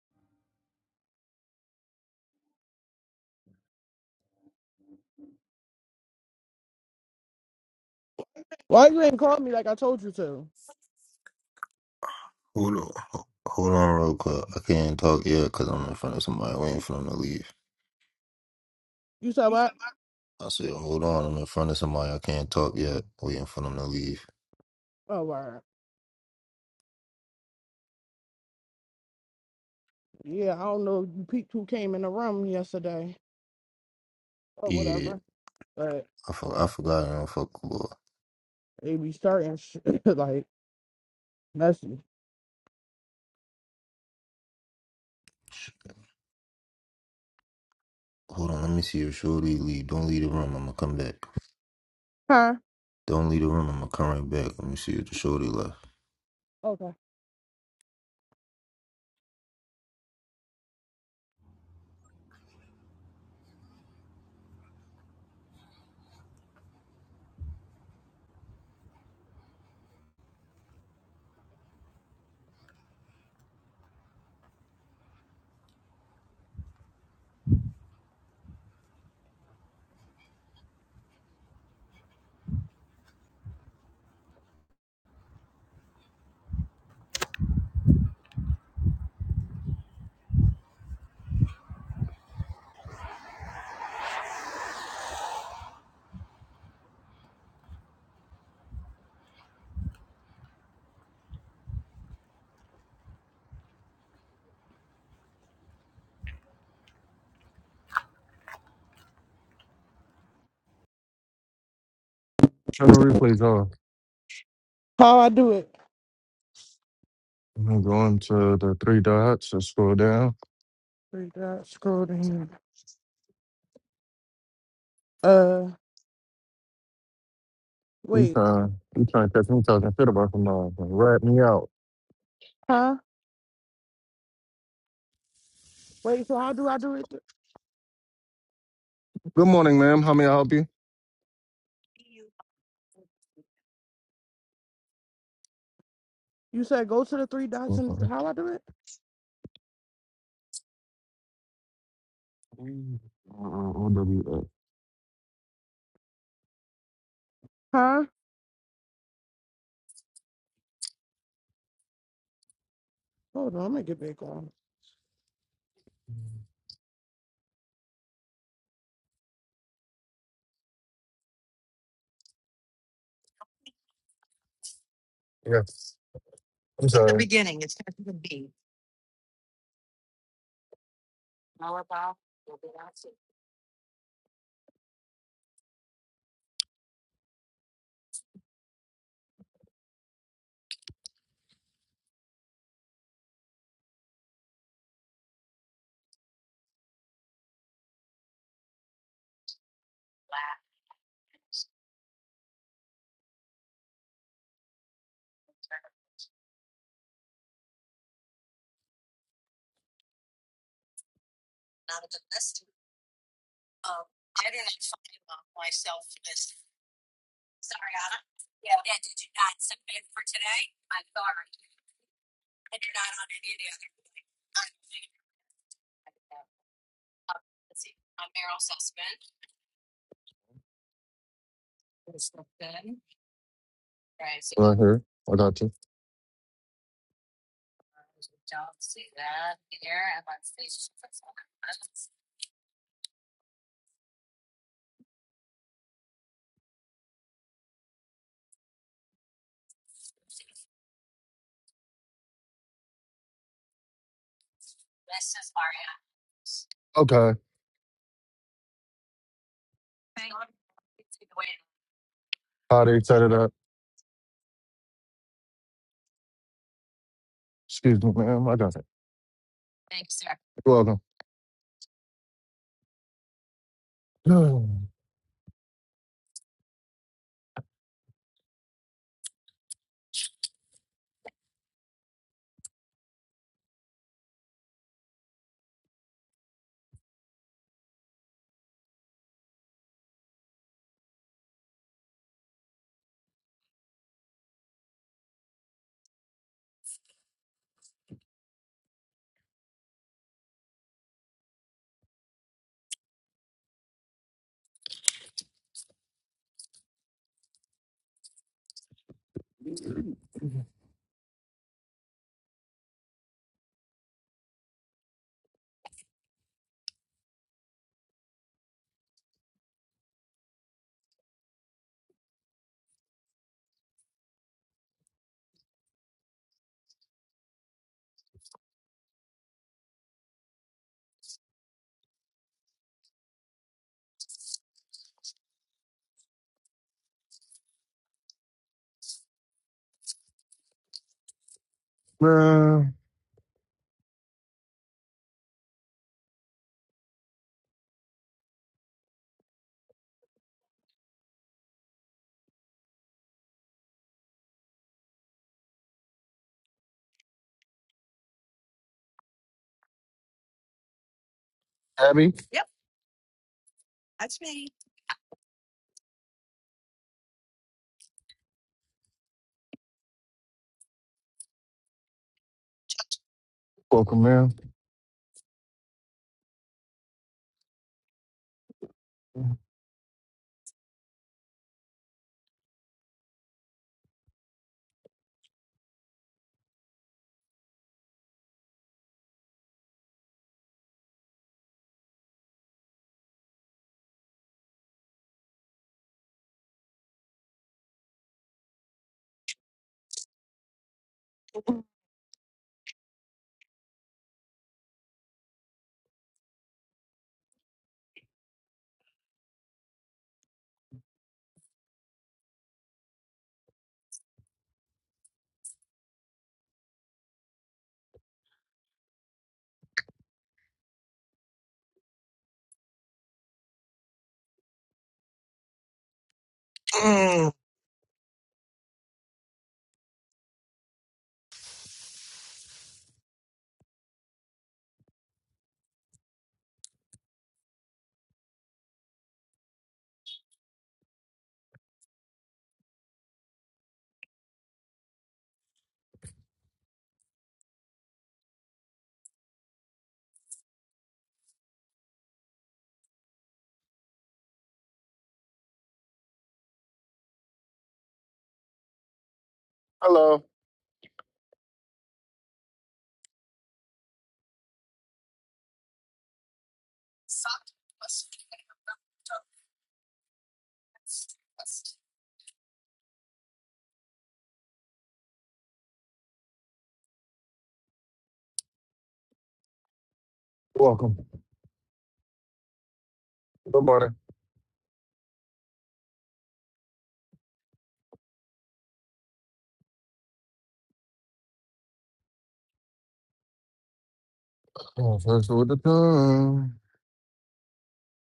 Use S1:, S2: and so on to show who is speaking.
S1: Why you ain't called me like I told you to?
S2: Hold on, ho- hold on, real quick. I can't talk yet because I'm in front of somebody waiting for them to leave.
S1: You said what?
S2: I said, hold on, I'm in front of somebody. I can't talk yet, waiting for them to leave.
S1: Oh, word. Yeah, I don't know. You peeked who came in the room yesterday or
S2: Yeah,
S1: whatever, but
S2: I, for- I forgot. I don't fuck with boy.
S1: they be starting sh- like messy.
S2: Sh- Hold on, let me see if Shorty leave. Don't leave the room. I'm gonna come back.
S1: Huh?
S2: Don't leave the room. I'm gonna come right back. Let me see if the Shorty left.
S1: Okay.
S3: Turn the replays off.
S1: How I do it?
S3: I'm gonna go into the three dots and scroll down.
S1: Three dots. Scroll down. Uh,
S3: You
S1: wait.
S3: trying, you trying to catch me talking shit about some dogs. Rat me out.
S1: Huh? Wait. So how do I do it?
S3: Good morning, ma'am. How may I help you?
S1: You said go to the three dots and
S3: Okay.
S1: how I do it?
S3: Mm, uh, OWF.
S1: Huh? Hold on. Let me get back on.
S3: Yes. I'm sorry. The beginning. It's going to be Right here. I got you. Okay. How they set it up. Excuse me, ma'am. I got it. You're welcome. ma'am. Abby. Welcome, ma'am. Hello. Welcome. Good morning. Oh, first with the time.